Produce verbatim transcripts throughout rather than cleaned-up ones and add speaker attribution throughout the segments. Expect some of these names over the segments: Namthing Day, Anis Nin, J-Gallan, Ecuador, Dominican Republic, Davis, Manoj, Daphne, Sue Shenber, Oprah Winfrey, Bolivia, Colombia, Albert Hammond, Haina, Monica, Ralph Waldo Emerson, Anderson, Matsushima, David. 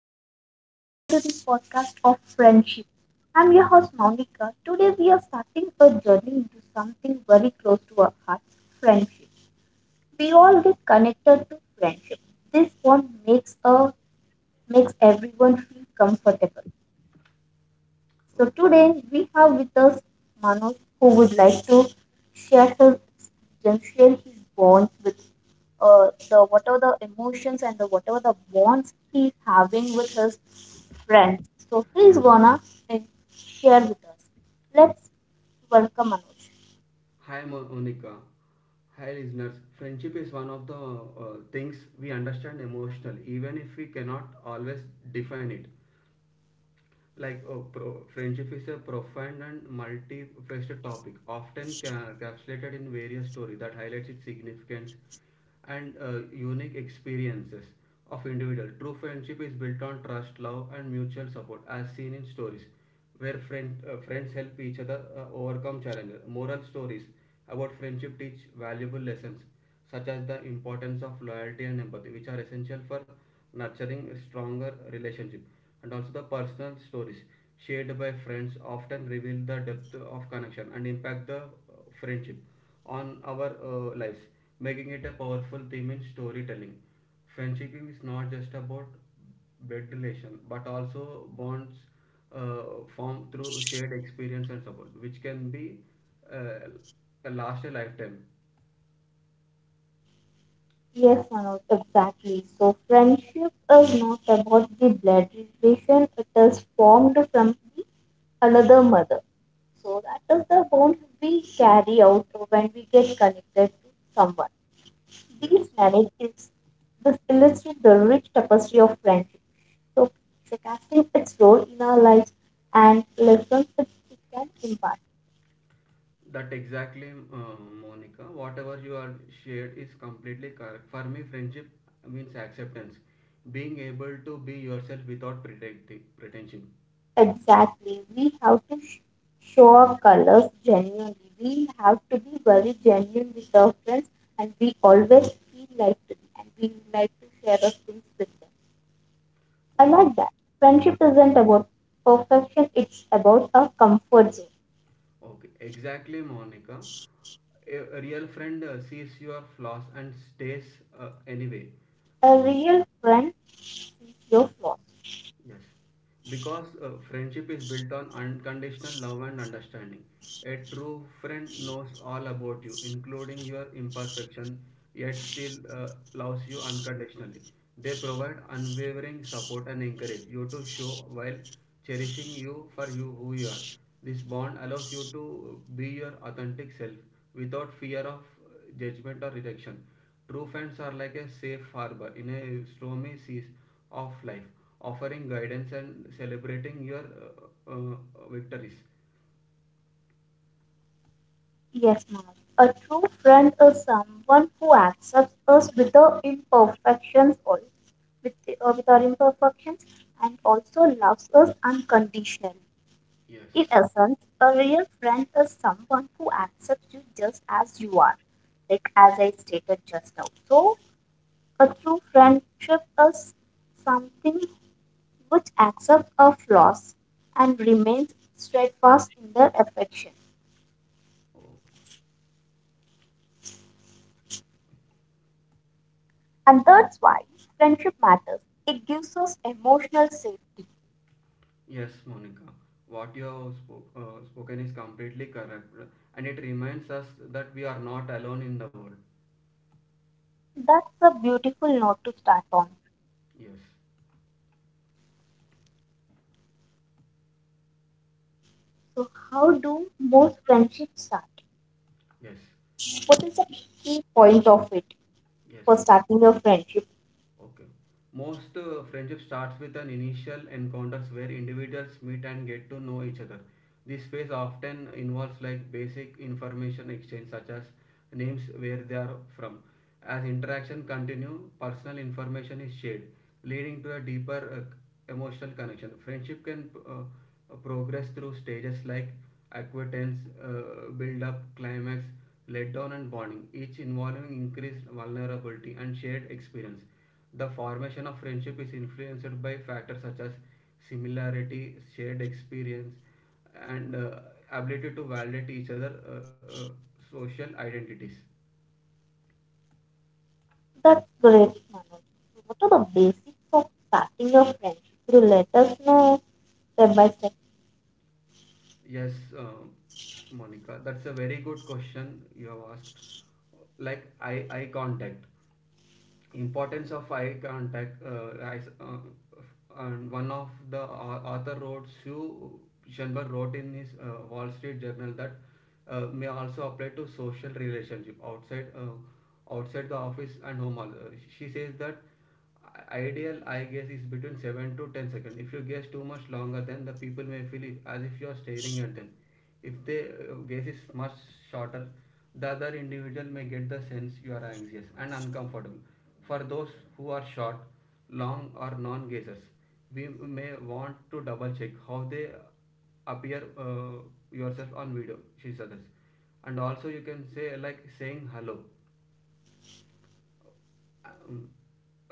Speaker 1: Hello everyone, welcome to this podcast of friendship. I'm your host Monica. Today we are starting a journey into something very close to our hearts, friendship. We all get connected to friendship. This one makes a makes everyone feel comfortable. So
Speaker 2: Okay.
Speaker 1: today we have with us Manoj, who would like to share his experience, share his bonds with uh, the whatever the emotions and the whatever the bonds he's having with his friends. So he's gonna uh, share with us. Let's welcome Manoj.
Speaker 2: Hi, Monica. Hi, listeners. Friendship is one of the uh, things we understand emotionally, even if we cannot always define it. Like, uh, pro- friendship is a profound and multifaceted topic, often ca- encapsulated in various stories that highlights its significance and uh, unique experiences of individual. True friendship is built on trust, love, and mutual support, as seen in stories, where friend, uh, friends help each other uh, overcome challenges. Moral stories about friendship teach valuable lessons such as the importance of loyalty and empathy, which are essential for nurturing a stronger relationship. And also the personal stories shared by friends often reveal the depth of connection and impact the uh, friendship on our uh, lives, making it a powerful theme in storytelling. Friendship is not just about blood relation but also bonds uh, formed through shared experience and support, which can be uh, last a lifetime.
Speaker 1: Yes, Manoj, exactly. So friendship is not about the blood relation, it is formed from the another mother. So that is the bond we carry out when we get connected to someone.
Speaker 2: Yes,
Speaker 1: These narratives this illustrate the rich tapestry of friendship. So, casting its role in our lives and lessons it it can impart.
Speaker 2: that exactly, uh, Monica. Whatever you are shared is completely correct. For me, friendship means acceptance, being able to be yourself without pretending, pretension.
Speaker 1: Exactly. We have to sh- show our colors genuinely. We have to be very genuine with our friends, and we always feel like to be, and we like to share our things with them. I
Speaker 2: Okay,
Speaker 1: like that. Friendship isn't about perfection, it's about a comfort zone.
Speaker 2: okay, exactly, Monica. A a real friend uh, sees your flaws and stays uh, anyway.
Speaker 1: Yes, a real friend, your flaws.
Speaker 2: Yes, because uh, friendship is built on unconditional love and understanding. A true friend knows all about you, including your imperfection, yet still uh, loves you unconditionally. They provide unwavering support and encourage you to show while cherishing you for you who you are. This bond allows you to be your authentic self without fear of uh, judgment or rejection. True friends are like a safe harbor in a stormy seas of life offering guidance and celebrating your uh, uh, victories.
Speaker 1: Yes, ma'am. A true friend is someone who accepts us with our imperfections, or with, uh, with our imperfections, and also loves us unconditionally. In
Speaker 2: Yes.
Speaker 1: essence, a real friend is someone who accepts you just as you are, like as I stated just now. So, a true friendship is something which accepts our flaws and remains steadfast in their affection.
Speaker 2: Oh.
Speaker 1: And that's why friendship matters. It gives us emotional safety.
Speaker 2: Yes, Monica. What you have spoke, uh, spoken is completely correct, and it reminds us that we are not alone in the world.
Speaker 1: That's a beautiful note to start on.
Speaker 2: Yes,
Speaker 1: So, how do most friendships start?
Speaker 2: yes,
Speaker 1: What is the key point of it
Speaker 2: yes.
Speaker 1: for starting a friendship?
Speaker 2: Okay. Most uh, friendship starts with an initial encounters where individuals meet and get to know each other. This phase often involves like basic information exchange such as names where they are from. As interaction continue, personal information is shared, leading to a deeper uh, emotional connection. Friendship can uh, progress through stages like acquaintance, uh, build-up, climax, letdown, and bonding, each involving increased vulnerability and shared experience. The formation of friendship is influenced by factors such as similarity, shared experience, and uh, ability to validate each other uh, uh, social identities.
Speaker 1: That's great, Manoj. So, what are the basics of starting a friendship? Could you let us know step by step?
Speaker 2: Yes, uh, Monica, that's a very good question you have asked. Like eye eye contact. Importance of eye contact uh, as, uh, and one of the uh, author wrote Sue Shenber wrote in his uh, Wall Street Journal that uh, may also apply to social relationship outside uh, outside the office and home. Also, she says that ideal I guess is between seven to ten seconds. If you guess too much longer, then the people may feel it as if you are staring at them. If the uh, guess is much shorter, the other individual may get the sense you are anxious and uncomfortable. For those who are short, long, or non guessers, we may want to double check how they appear uh, yourself on video, she suggests. And also, you can say, like saying hello, um,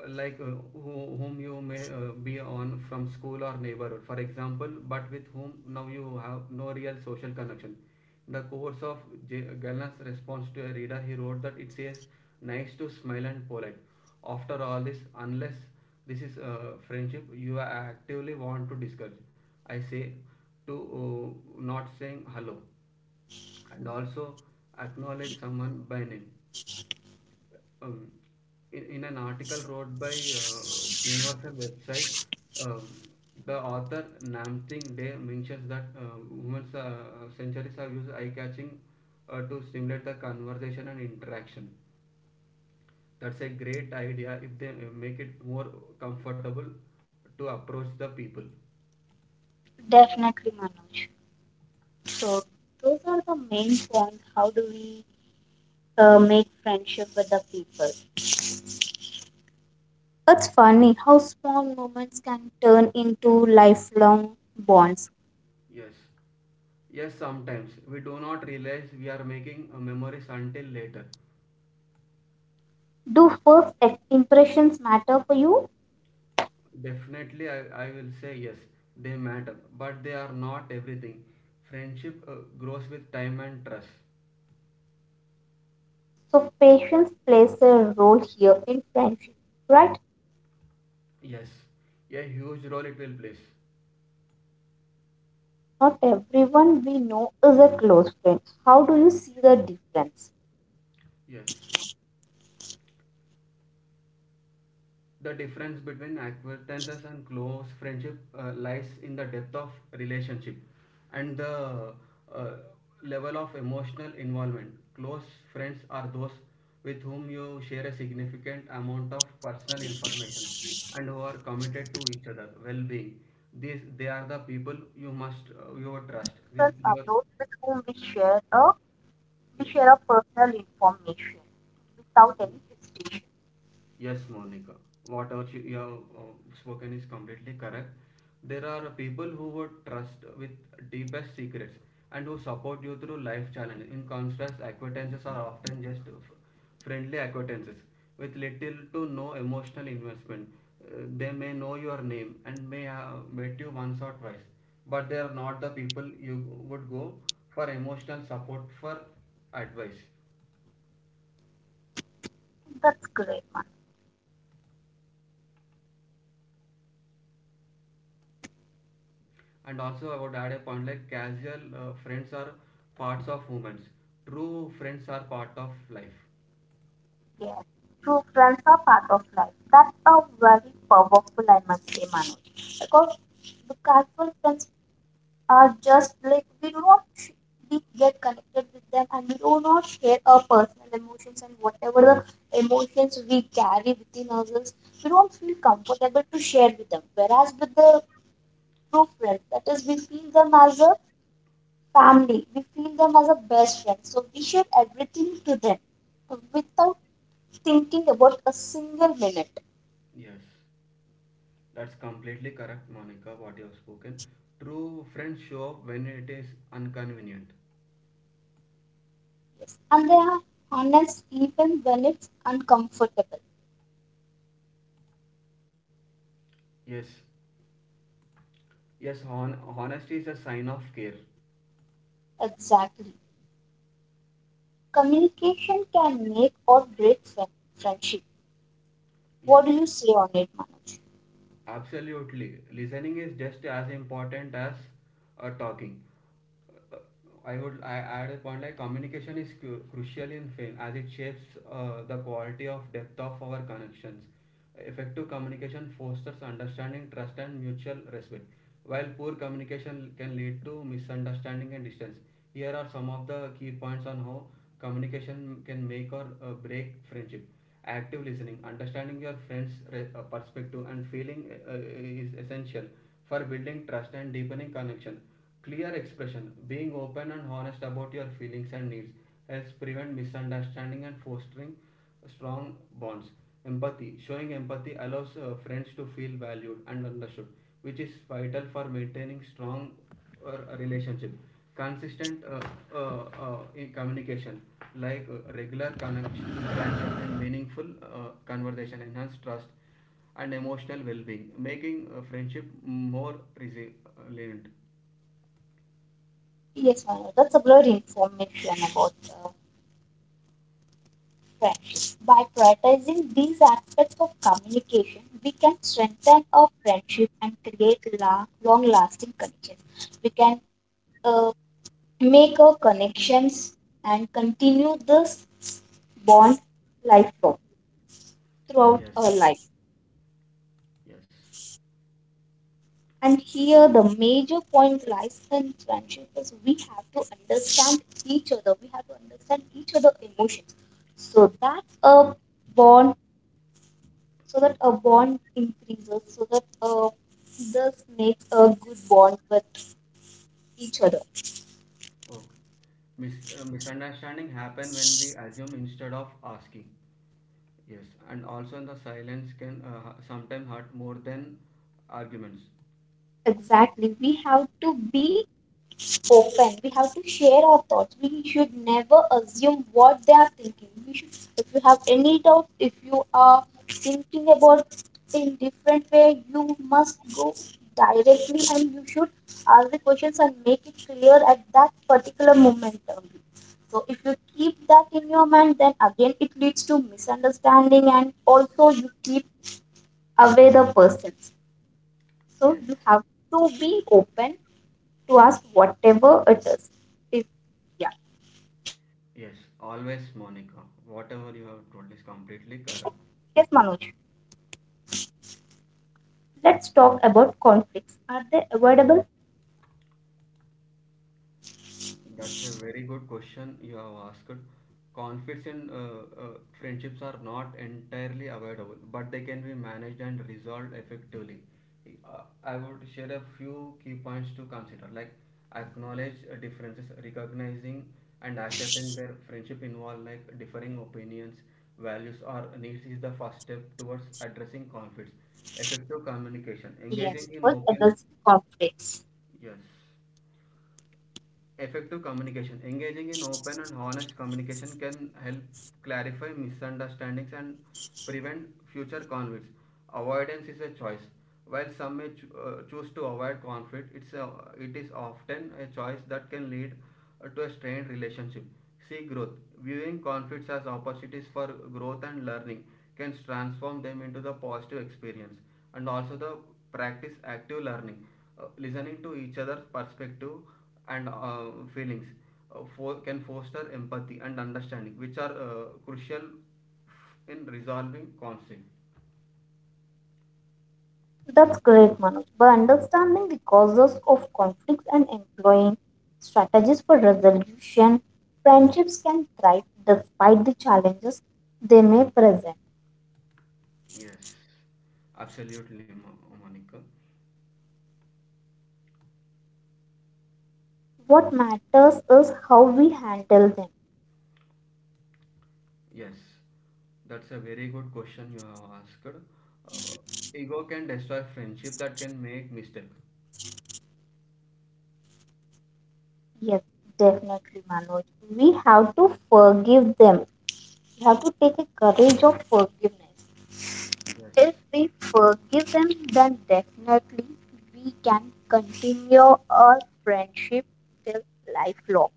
Speaker 2: like uh, who, whom you may uh, be on from school or neighborhood for example but with whom now you have no real social connection in the course of J- Gallan's response to a reader he wrote that it says nice to smile and polite after all this unless this is uh, friendship you actively want to discourage, I say, to uh, not saying hello and also acknowledge someone by name. um, in, in an article wrote by uh, Universal website, um, the author Namthing Day mentions that uh, women's uh, centuries have used eye-catching uh, to stimulate the conversation and interaction. That's a great idea if they uh, make it more comfortable to approach the people.
Speaker 1: Definitely, Manoj. So, those are the main points. How do we uh, make friendship with the people? It's funny how small moments can turn into lifelong bonds.
Speaker 2: Yes, yes. Sometimes we do not realize we are making uh, memories until later.
Speaker 1: Do first ex- impressions matter for you?
Speaker 2: Definitely, I, I will say yes, they matter, but they are not everything. Friendship uh, grows with time and trust.
Speaker 1: So, patience plays a role here in friendship, right?
Speaker 2: Yes, a huge role it will play.
Speaker 1: Not everyone we know is a close friend. How do you see the difference?
Speaker 2: Yes. The difference between acquaintances and close friendship uh, lies in the depth of relationship and the uh, level of emotional involvement. Close friends are those with whom you share a significant amount of personal information and who are committed to each other well-being. These they are the people you must uh, you trust
Speaker 1: Close
Speaker 2: with
Speaker 1: friends are
Speaker 2: your
Speaker 1: those with whom we share a we
Speaker 2: yes.
Speaker 1: share a personal information without any hesitation.
Speaker 2: Yes, Monica, whatever you you have uh, spoken is completely correct. There are people who would trust with deepest secrets and who support you through life challenges. In contrast, acquaintances are often just f- friendly acquaintances with little to no emotional investment. Uh, they may know your name and may have met you once or twice, but they are not the people you would go for emotional support for advice.
Speaker 1: That's great.
Speaker 2: And also, I would add a point like casual uh, friends are parts of moments. True friends are part of life.
Speaker 1: Yes, true friends are part of life. That's a very powerful, I must say, Manoj. Because the casual friends are just like we do not sh- we get connected with them and we do not share our personal emotions and whatever the emotions we carry within ourselves, we don't feel comfortable to share with them. Whereas with the true friends, that is, we feel them as a family, we feel them as a best friend. So we share everything to them without thinking about a single minute.
Speaker 2: Yes, that's completely correct, Monica, what you have spoken. True friends show up when it is inconvenient.
Speaker 1: Yes. And they are honest even when it's uncomfortable.
Speaker 2: Yes, yes, hon- honesty is a sign of care.
Speaker 1: Exactly. Communication can make or break friend- friendship. What
Speaker 2: Yes,
Speaker 1: do you say on it, Manoj?
Speaker 2: absolutely. Listening is just as important as uh, talking. I would I add a point like communication is cu- crucial in fame as it shapes uh, the quality of depth of our connections. Effective communication fosters understanding, trust, and mutual respect, while poor communication can lead to misunderstanding and distance. Here are some of the key points on how communication can make or uh, break friendship. Active listening, understanding your friend's re- uh, perspective, and feeling uh, is essential for building trust and deepening connection. Clear expression, being open and honest about your feelings and needs, helps prevent misunderstanding and fostering strong bonds. Empathy, showing empathy allows uh, friends to feel valued and understood, which is vital for maintaining strong uh, relationship. Consistent uh, uh, uh, in communication, like uh, regular connection and meaningful uh, conversation, enhance trust and emotional well-being, making uh, friendship more resilient.
Speaker 1: Yes, Manoj, that's a great information about uh, friendship. By prioritizing these aspects of communication, we can strengthen our friendship and create la- long-lasting connections. We can uh, make our connections and continue this bond lifelong throughout
Speaker 2: Yes.
Speaker 1: our life.
Speaker 2: Yes.
Speaker 1: And here the major point lies in friendship is we have to understand each other. We have to understand each other emotions. So that a bond so that a bond increases, so that uh, this makes a good bond with each other.
Speaker 2: Okay. Mis uh, Misunderstanding happen when we assume instead of asking. Yes. And also the silence can uh, sometimes hurt more than arguments.
Speaker 1: Exactly. We have to be open. We have to share our thoughts. We should never assume what they are thinking. We should, if you have any doubt, if you are thinking about in different way, you must go directly and you should ask the questions and make it clear at that particular moment only. So if you keep that in your mind, then again it leads to misunderstanding and also you keep away the person. So
Speaker 2: Yes.
Speaker 1: you have to be open to ask whatever it is. If yeah. So
Speaker 2: Yes.
Speaker 1: open
Speaker 2: Always,
Speaker 1: communication
Speaker 2: Monica.
Speaker 1: keeps
Speaker 2: Whatever
Speaker 1: friendships
Speaker 2: you have told is
Speaker 1: healthy.
Speaker 2: completely
Speaker 1: Yes, right?
Speaker 2: correct.
Speaker 1: Yes, Manoj. Let's talk about conflicts. Are they avoidable?
Speaker 2: That's a very good question you have asked. Conflicts in uh, uh, friendships are not entirely avoidable, but they can be managed and resolved effectively. Uh, I would share a few key points to consider, like acknowledge uh, differences, recognizing and accepting their friendship involve like differing opinions, values, or needs is the first step towards addressing conflicts. Effective communication,
Speaker 1: Yes,
Speaker 2: engaging in
Speaker 1: all
Speaker 2: open,
Speaker 1: adults have conflicts.
Speaker 2: yes. Effective communication. Engaging in open and honest communication can help clarify misunderstandings and prevent future conflicts. Avoidance is a choice. While some may cho- uh, choose to avoid conflict, it's a, it is often a choice that can lead uh, to a strained relationship. See growth. Viewing conflicts as opportunities for growth and learning can transform them into the positive experience. And also the practice active learning, uh, listening to each other's perspective and uh, feelings uh, for, can foster empathy and understanding, which are uh, crucial in resolving conflict.
Speaker 1: That's great, Manoj. By understanding the causes of conflicts and employing strategies for resolution, friendships can thrive despite the challenges they may present.
Speaker 2: Yes, absolutely, Mo- Monica.
Speaker 1: What matters is how we handle them.
Speaker 2: Yes, that's a very good question you have asked. Uh, Ego can destroy friendship that can make mistake.
Speaker 1: Yes, definitely, Manoj. We have to forgive them. We have to take a courage of forgiveness.
Speaker 2: Yes,
Speaker 1: If we forgive them, then definitely we can continue our friendship till lifelong.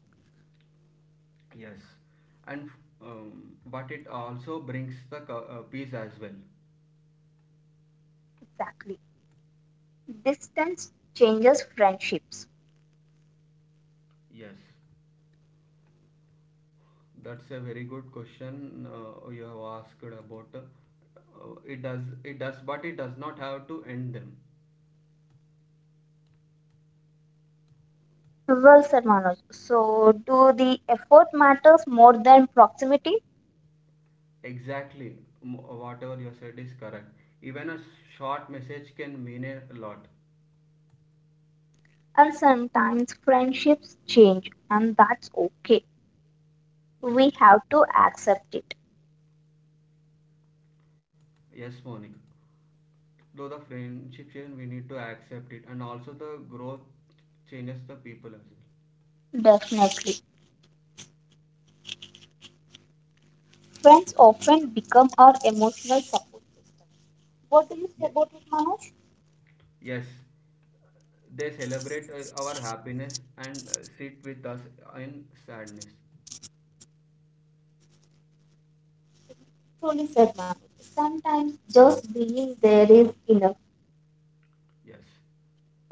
Speaker 2: yes, and um, but it also brings the co- uh, peace as well.
Speaker 1: Exactly. Distance changes friendships.
Speaker 2: Yes. That's a very good question uh, you have asked about. Uh, it does, it does, but it does not have to end them.
Speaker 1: Well said, Manoj. So, do the effort matters more than proximity?
Speaker 2: Exactly, M- whatever you said is correct. Even a short message can mean a lot.
Speaker 1: And sometimes friendships change, and that's okay. We
Speaker 2: Yes,
Speaker 1: have to accept it.
Speaker 2: yes, Monica. Though the friendship change, we need to accept it, and also the growth changes the people as well.
Speaker 1: Definitely. Friends often become our emotional support system. What do you say
Speaker 2: Yes,
Speaker 1: about it, Manoj?
Speaker 2: yes. They celebrate uh, our happiness and uh, sit with us in sadness.
Speaker 1: Truly said, Manoj. Sometimes just being there is enough.
Speaker 2: Yes,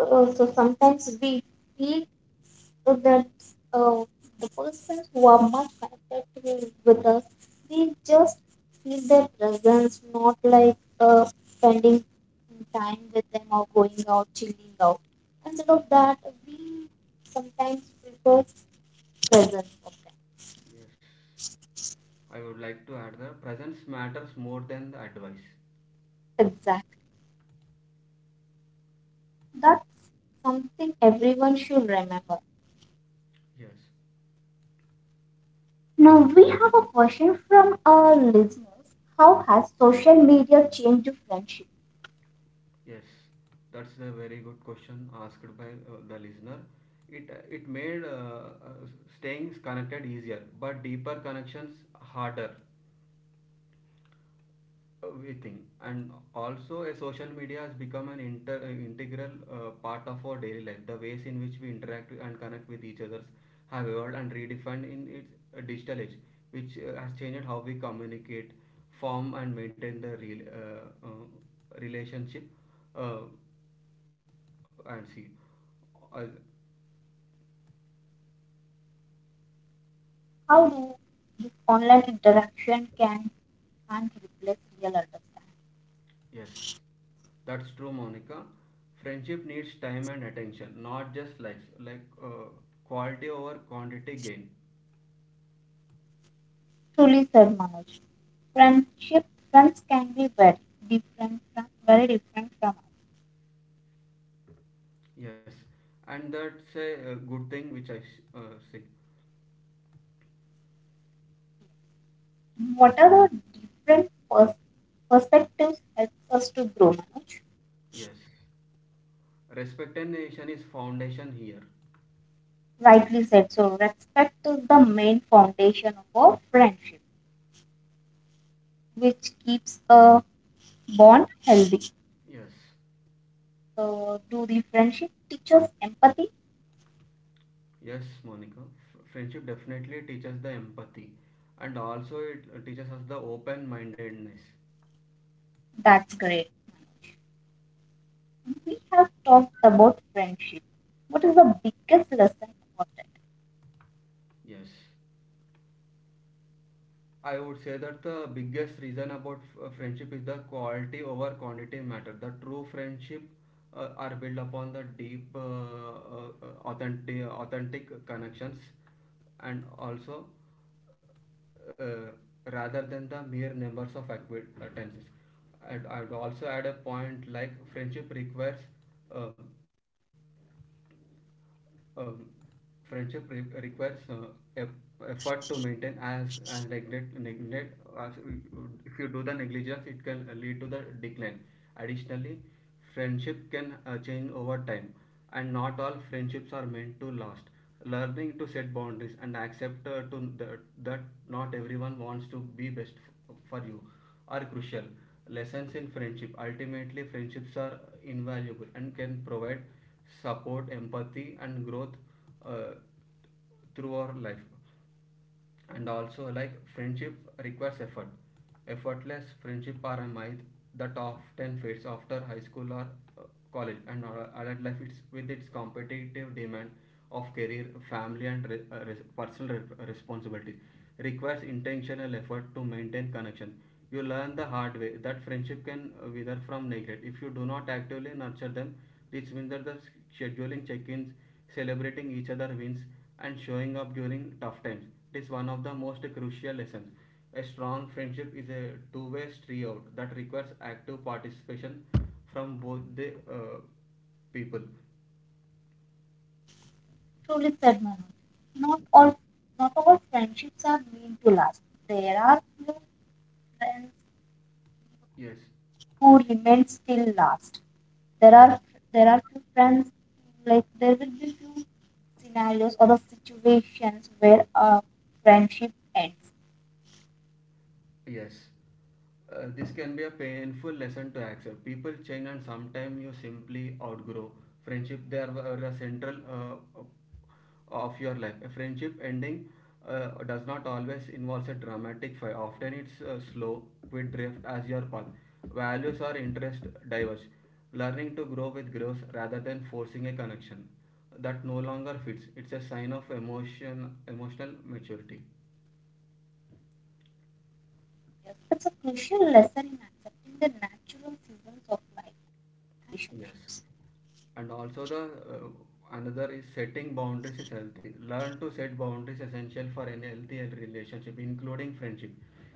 Speaker 1: Uh, so sometimes we feel that uh, the persons who are much connected to, with us, we just feel their presence, not like uh, spending time with them or going out, chilling out. Instead of that, we sometimes prefer presence of them.
Speaker 2: yes. I would like to add the presence matters more than the advice.
Speaker 1: Exactly. That's something everyone should remember.
Speaker 2: Yes,
Speaker 1: Now we have a question from our listeners. How has social media changed friendship?
Speaker 2: yes, that's a very good question asked by uh, the listener. It it made uh, uh, staying connected easier, but deeper connections harder. We think, and also a social media has become an inter, uh, integral uh, part of our daily life. The ways in which we interact and connect with each others have evolved and redefined in its uh, digital age, which uh, has changed how we communicate, form and maintain the real uh, uh, relationship uh, and see uh,
Speaker 1: How do this online interaction can can't replace real understanding?
Speaker 2: yes, that's true, Monica. Friendship needs time and attention, not just likes, like uh, quality over quantity gain.
Speaker 1: Truly said, Manoj. Friendship friends can be very different from very different from us.
Speaker 2: Yes, and that's a, uh, good thing which I s- uh, see.
Speaker 1: What are the different pers- perspectives helps us to grow, Manoj?
Speaker 2: Yes, respect and nation is foundation here.
Speaker 1: Rightly said. So respect is the main foundation of a friendship, which keeps a bond healthy.
Speaker 2: Yes,
Speaker 1: Uh, do the friendship teach us empathy?
Speaker 2: yes, Monica. F- friendship definitely teaches the empathy, and also it uh, teaches us the open-mindedness.
Speaker 1: That's great. We have talked about friendship. What is the biggest lesson about it?
Speaker 2: Yes. I would say that the biggest reason about f- uh, friendship is the quality over quantity matter. The true friendship uh, are built upon the deep, uh, uh, authentic, authentic connections, and also uh, rather than the mere numbers of acquaintances. And I would also add a point like friendship requires uh, um, friendship re- requires uh, eff- effort to maintain as as neglect neglect as if you do the negligence it can lead to the decline. Additionally, friendship can uh, change over time, and not all friendships are meant to last. Learning to set boundaries and accept uh, to that, that not everyone wants to be best for you are crucial. Lessons in friendship. Ultimately, friendships are invaluable and can provide support, empathy, and growth uh, through our life. And also, like friendship requires effort. Effortless friendship are a myth that often fades after high school or uh, college, and adult life, it's with its competitive demand of career, family, and re- uh, res- personal re- responsibilities, requires intentional effort to maintain connection. You learn the hard way that friendship can uh, wither from neglect if you do not actively nurture them. This means that the scheduling check-ins, celebrating each other wins, and showing up during tough times, it is one of the most crucial lessons. A strong friendship is a two-way street out that requires active participation from both the uh, people.
Speaker 1: Truly said, Manoj. Not all Not all friendships are meant to last. There are few friends
Speaker 2: Yes.
Speaker 1: who remain still last. There are there are few friends, like there will be few scenarios or the situations where a friendship ends
Speaker 2: Yes, uh, this can be a painful lesson to accept. People change, and sometimes you simply outgrow friendship. They are are a central uh, of your life. A friendship ending uh, does not always involve a dramatic fight. Often, it's a slow, quick drift as your path. Values or interests diverge. Learning to grow with growth rather than forcing a connection that no longer fits. It's a sign of emotion, emotional maturity.
Speaker 1: behavior. It's a crucial lesson in accepting the natural seasons of life and
Speaker 2: Yes.
Speaker 1: relationships.
Speaker 2: And also the uh, another is, setting boundaries is healthy. Learn to set boundaries essential for any healthy relationship including friendship.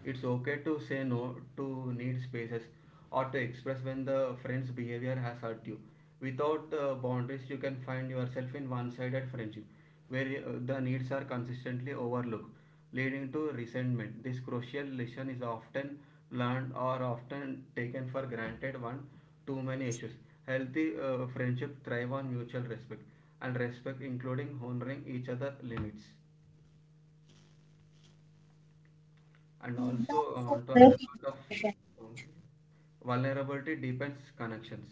Speaker 2: It's okay to say no, to need spaces, or to express when the friend's behavior has hurt you. Without uh, boundaries you can find yourself in one-sided friendship where uh, the needs are consistently overlooked, leading to resentment. This crucial lesson is often learned or often taken for granted one too many issues. Healthy uh, friendship thrive on mutual respect and respect, including honoring each other limits. And
Speaker 1: Mm.
Speaker 2: also I
Speaker 1: That's a
Speaker 2: want to add
Speaker 1: great
Speaker 2: a lot of
Speaker 1: information,
Speaker 2: um, vulnerability deepens connections.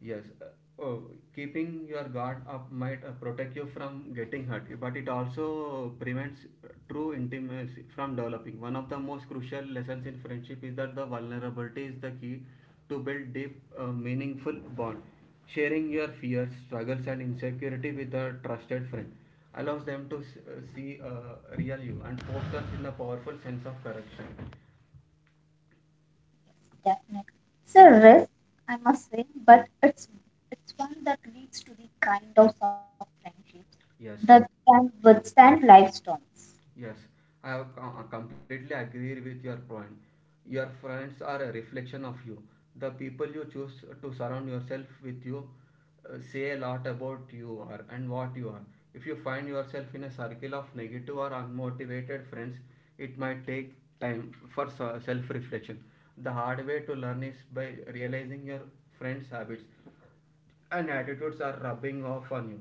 Speaker 2: Yes. uh, Oh, keeping your guard up might uh, protect you from getting hurt, but it also prevents true intimacy from developing. One of the most crucial lessons in friendship is that the vulnerability is the key to build deep, uh, meaningful bond. Sharing your fears, struggles, and insecurity with a trusted friend allows them to s- uh, see uh, real you and fosters in a powerful sense of correction.
Speaker 1: Daphne. It's a risk, I must say, but it's it's one that leads to the kind of supportive friendships
Speaker 2: Yes.
Speaker 1: that can withstand life storms.
Speaker 2: Yes, I have co- uh, completely agree with your point. Your friends are a reflection of you. The people you choose to surround yourself with you uh, say a lot about you are and what you are. If you find yourself in a circle of negative or unmotivated friends, it might take time for self reflection. The hard way to learn is by realizing your friends' habits and attitudes are rubbing off on you.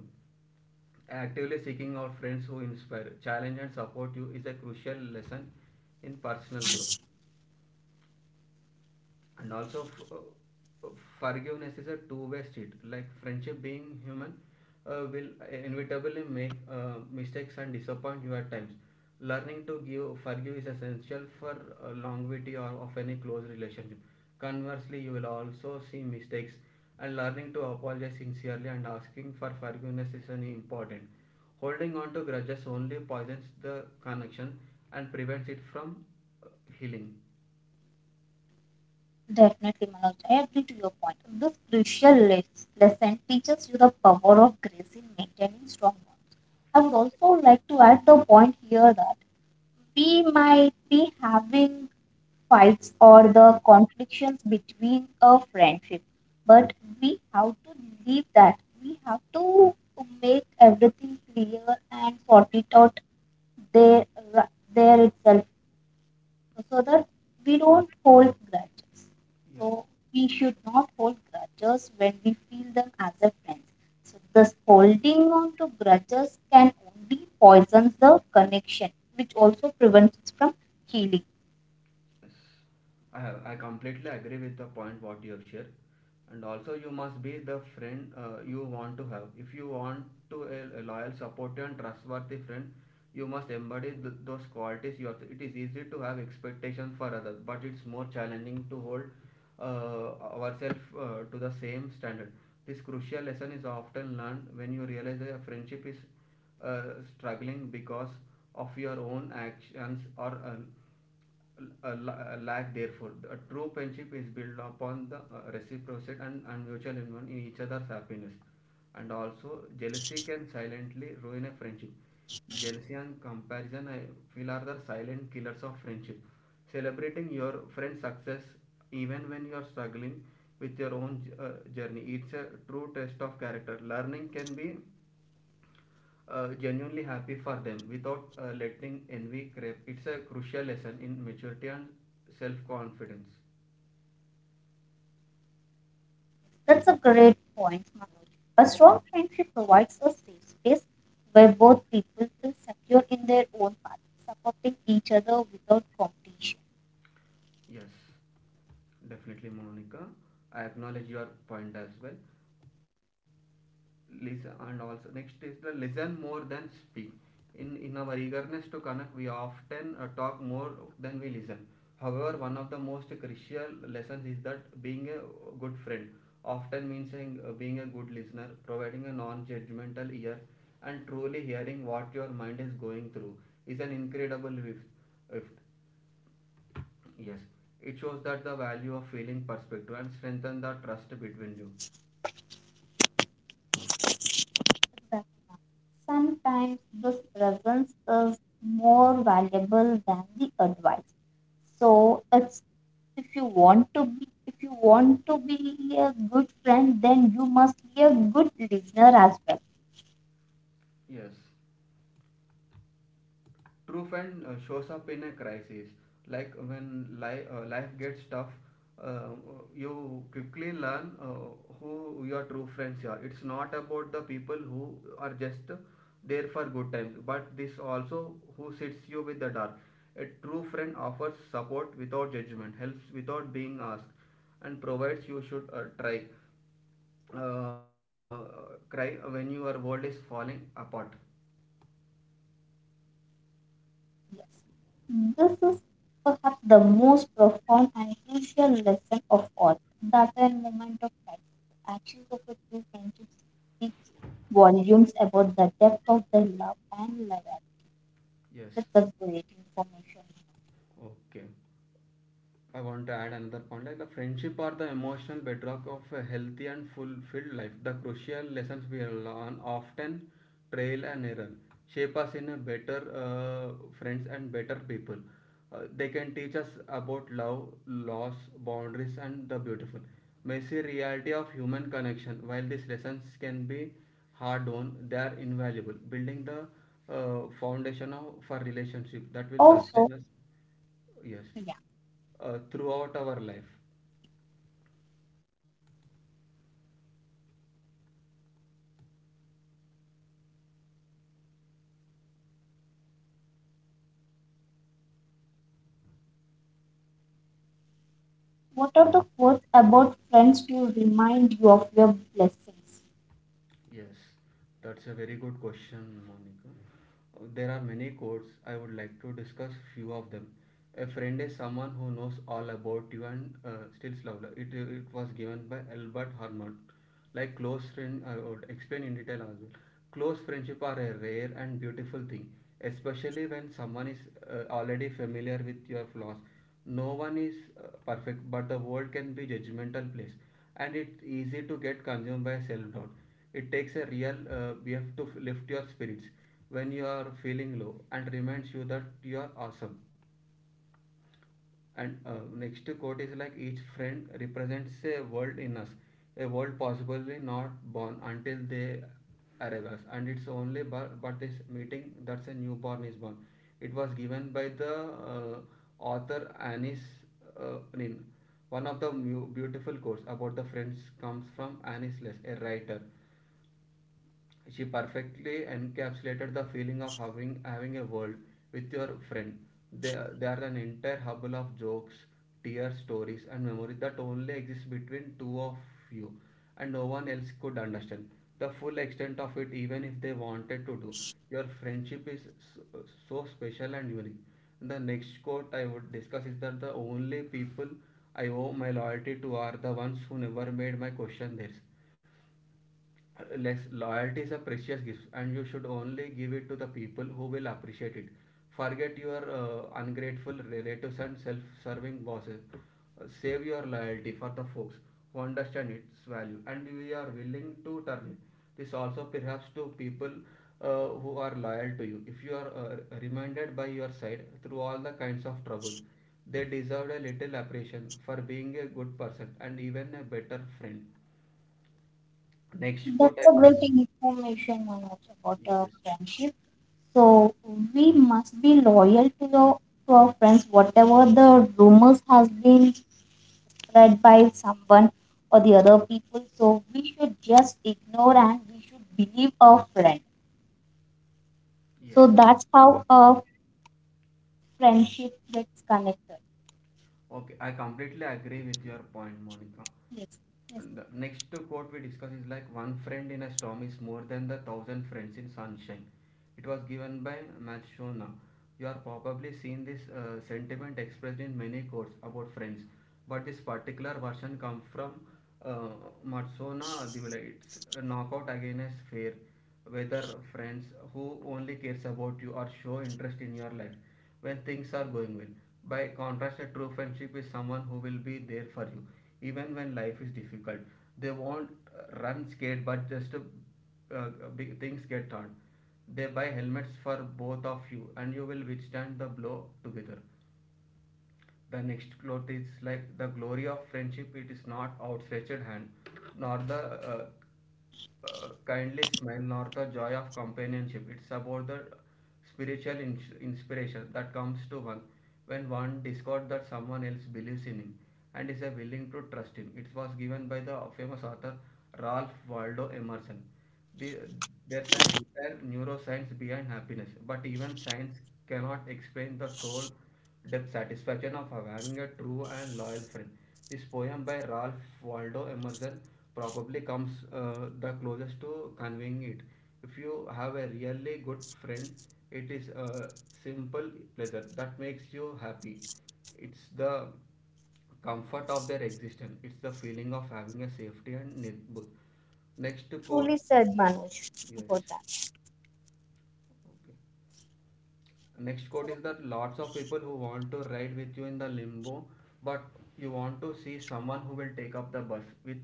Speaker 2: Actively seeking out friends who inspire, challenge, and support you is a crucial lesson in personal growth. And also f- uh, forgiveness is a two-way street. Like friendship being human uh, will inevitably make uh, mistakes and disappoint you at times. Learning to give forgive is essential for uh, longevity or of any close relationship. Conversely, you will also see mistakes, and learning to apologize sincerely and asking for forgiveness is an important. Holding on to grudges only poisons the connection and prevents it from uh, healing.
Speaker 1: Definitely, Manoj. I agree to your point. This crucial les- lesson teaches you the power of grace in maintaining strong bonds. I would also like to add the point here that we might be having fights or the conflictions between a friendship, but we have to leave that. We have to make everything clear and sort it out there, ri- there itself so that we don't hold grudges.
Speaker 2: Yes.
Speaker 1: So we should not hold grudges when we feel them as a friend. So this holding on to grudges can only poison the connection, which also prevents us from healing.
Speaker 2: Yes, I, have. I completely agree with the point what you have shared. And also you must be the friend uh, you want to have. If you want to a, a loyal, supportive and trustworthy friend, you must embody th- those qualities yourself. It is easy to have expectations for others, but it's more challenging to hold uh, ourselves uh, to the same standard. This crucial lesson is often learned when you realize that a friendship is uh, struggling because of your own actions or uh, a lack therefore. A true friendship is built upon the uh, reciprocity and, and mutual investment in each other's happiness. And also jealousy can silently ruin a friendship. Jealousy and comparison I feel are the silent killers of friendship. Celebrating your friend's success even when you are struggling with your own uh, journey, it's a true test of character. Learning can be uh, genuinely happy for them without uh, letting envy creep. It's a crucial lesson in maturity and self confidence.
Speaker 1: That's a great point, Manoj. A strong friendship provides a safe space where both people feel secure in their own path, supporting each other without competition.
Speaker 2: Yes, definitely, Monica. I acknowledge your point as well. Listen, and also next is the listen more than speak. In in our eagerness to connect we often uh, talk more than we listen. However, one of the most crucial lessons is that being a good friend often means saying, uh, being a good listener, providing a non-judgmental ear and truly hearing what your mind is going through is an incredible gift. Yes, it shows that the value of feeling perspective and strengthen the trust between you.
Speaker 1: Sometimes this presence is more valuable than the advice. So it's if you want to be if you want to be a good friend, then you must be a good listener as well.
Speaker 2: Yes. True friend uh, shows up in a crisis, like when li- uh, life gets tough. Uh, you quickly learn uh, who your true friends are. It's not about the people who are just there for good times, but this also who sits you with the dark. A true friend offers support without judgment, helps without being asked, and provides you should uh, try. Uh, cry when your world is falling apart.
Speaker 1: Yes. This is perhaps the most profound and crucial lesson of all. That a moment of crisis, the actions of a true friendship speak volumes about the depth of their love and loyalty.
Speaker 2: Yes.
Speaker 1: That's a great information.
Speaker 2: Okay.
Speaker 1: So, what is the
Speaker 2: I want to
Speaker 1: foundation
Speaker 2: add
Speaker 1: of
Speaker 2: another
Speaker 1: a
Speaker 2: point like the
Speaker 1: fulfilled
Speaker 2: friendship
Speaker 1: life?
Speaker 2: are the emotional bedrock of a healthy and fulfilled life. The crucial lessons we learn often trail and error shape us in a better uh, friends
Speaker 1: Exactly,
Speaker 2: and
Speaker 1: Manu.
Speaker 2: better people.
Speaker 1: Friendships are
Speaker 2: Uh, they
Speaker 1: the
Speaker 2: can teach us
Speaker 1: emotional
Speaker 2: about
Speaker 1: bedrock
Speaker 2: love,
Speaker 1: of a
Speaker 2: loss,
Speaker 1: happy and
Speaker 2: boundaries,
Speaker 1: fulfilled
Speaker 2: and
Speaker 1: life.
Speaker 2: the beautiful, messy reality of human connection. While these lessons can be hard on, they are invaluable, building the uh, foundation of, for relationship that will
Speaker 1: Also,
Speaker 2: sustain us. Yes.
Speaker 1: yeah.
Speaker 2: Uh, throughout our life.
Speaker 1: What are the quotes about friends to remind you of your blessings?
Speaker 2: Yes. That's a very good question, Monica. Uh, There are many quotes. I would like to discuss few of them. A friend is someone who knows all about you and uh, still love. It, it was given by Albert Hammond. Like close friend, I would explain in detail as well. Close friendship are a rare and beautiful thing, especially when someone is uh, already familiar with your flaws. No one is uh, perfect, but the world can be judgmental place, and it's easy to get consumed by self-doubt. It takes a real uh, B F to f- lift your spirits when you are feeling low and reminds you that you are awesome. And uh, next quote is like each friend represents a world in us, a world possibly not born until they arrive us. And it's only but, but this meeting that's a newborn is born. It was given by the uh, author Anis uh, Nin. One of the beautiful quotes about the friends comes from Anis Less, a writer. She perfectly encapsulated the feeling of having, having a world with your friend. They, they are an entire hubble of jokes, tears, stories, and memory that only exists between two of you, and no one else could understand the full extent of it, even if they wanted to do. Your friendship is so, so special and unique. The next quote I would discuss is that the only people I owe my loyalty to are the ones who never made my question theirs less. Loyalty is a precious gift and you should only give it to the people who will appreciate it. Forget your uh, ungrateful relatives and self-serving bosses. Uh, save your loyalty for the folks who understand its value and we are willing to turn it. This also perhaps to people uh, who are loyal to you. If you are uh, reminded by your side through all the kinds of trouble, they deserved a little appreciation for being a good person and even a better friend. Next quote
Speaker 1: That's
Speaker 2: I
Speaker 1: a
Speaker 2: will
Speaker 1: great
Speaker 2: discuss.
Speaker 1: information, Manoj, about a
Speaker 2: Yes,
Speaker 1: friendship. So we must be loyal to your to our friends, whatever the rumors has been read by someone or the other people. So we should just ignore and we should believe our friend. So
Speaker 2: yes.
Speaker 1: that's how a friendship gets connected.
Speaker 2: Okay, I completely agree with your point, Monica.
Speaker 1: Yes, yes,
Speaker 2: And
Speaker 1: ma'am.
Speaker 2: the next quote we discuss is like one friend in a storm is more than the thousand friends in sunshine. It was given by Matsushima. You are probably seen this uh, sentiment expressed in many quotes about friends, but this particular version comes from uh, Matsushima. It's a knockout against fear, whether friends who only cares about you or show interest in your life when things are going well. By contrast, a true friendship is someone who will be there for you even when life is difficult. They won't uh, run scared, but just uh, uh, big things get hard. They buy helmets for both of you, and you will withstand the blow together. The next quote is like the glory of friendship. It is not outstretched hand, nor the uh, uh, kindly smile, nor the joy of companionship. It's about the spiritual ins- inspiration that comes to one when one discovers that someone else believes in him and is uh, willing to trust him. It was given by the famous author Ralph Waldo Emerson. The, there's an entire neuroscience behind happiness, but even science cannot explain the soul depth satisfaction of having a true and loyal friend. This poem by Ralph Waldo Emerson probably comes uh, the closest to conveying it. If you have a really good friend, it is a simple pleasure that makes you happy. It's the comfort of their existence. It's the feeling of having a safety and neighborhood. Next quote.
Speaker 1: Truly said, Manoj,
Speaker 2: Yes.
Speaker 1: about that.
Speaker 2: Okay. Next quote is that lots of people who want to ride with you in the limbo, but you want to see someone who will take up the bus with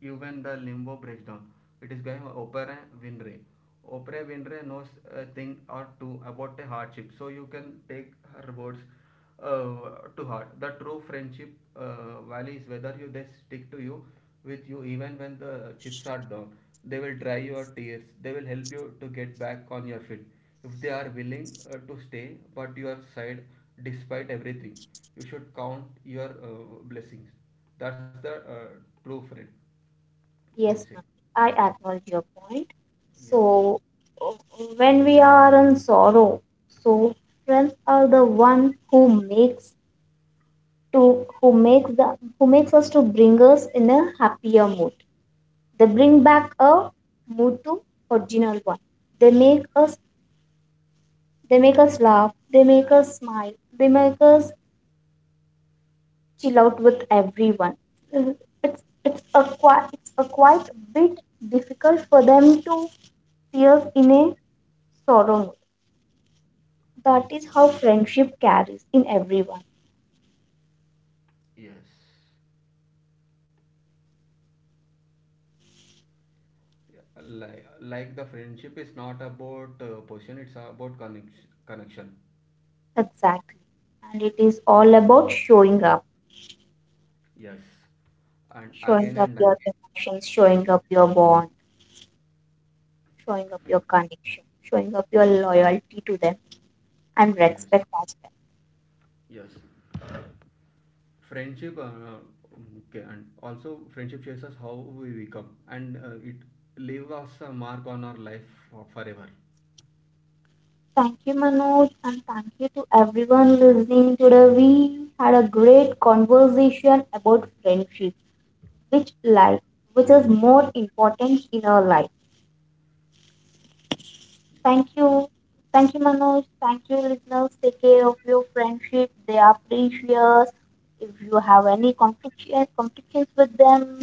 Speaker 2: you when the limbo breaks down. It is by Oprah Winfrey. Oprah Winfrey knows a thing or two about a hardship, so you can take her words uh, to heart. The true friendship uh, value is whether you they stick to you, with you even when the chips are down. They will dry your tears. They will help you to get back on your feet if they are willing uh, to stay, but your side despite everything. You should count your uh, blessings. That's the uh, true friend, I would
Speaker 1: Yes,
Speaker 2: say.
Speaker 1: ma'am. I acknowledge your point.
Speaker 2: Yes.
Speaker 1: So uh, when we are in sorrow, so friends are the one who makes to who makes the who makes us to bring us in a happier mood. They bring back a mood to original one. They make us they make us laugh, they make us smile, they make us chill out with everyone. Uh, It's it's a quite it's a quite bit difficult for them to see us in a sorrow mood.
Speaker 2: Oh,
Speaker 1: That is how friendship carries in everyone.
Speaker 2: yes. Like like the friendship is not about uh, position, it's about connection connection
Speaker 1: Exactly. And it is all about showing up.
Speaker 2: Yes, and
Speaker 1: Showing
Speaker 2: again
Speaker 1: up
Speaker 2: and again.
Speaker 1: your emotions, showing up your bond, showing up your connection, showing up your loyalty to them and respect
Speaker 2: Yes.
Speaker 1: as well.
Speaker 2: Yes, friendship uh, okay, and also friendship shows us how we become, and uh, it leaves us a mark on our life for forever.
Speaker 1: Thank you, Manoj, and thank you to everyone listening today. We had a great conversation about friendship, which life, which is more important in our life. Thank
Speaker 2: Yes.
Speaker 1: you. Thank you, Manoj. Thank you, listeners. Take care of your friendship. They are precious. If you have any conflictions, conflictions with them,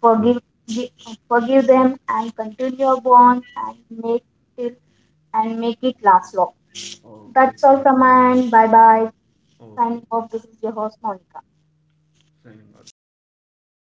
Speaker 1: forgive, gi- forgive them, and continue your bond and make it and make it last long. That's
Speaker 2: Okay.
Speaker 1: all from my end. Bye bye. Signing
Speaker 2: Okay,
Speaker 1: off. This is your host, Monica.
Speaker 2: so, thank you so much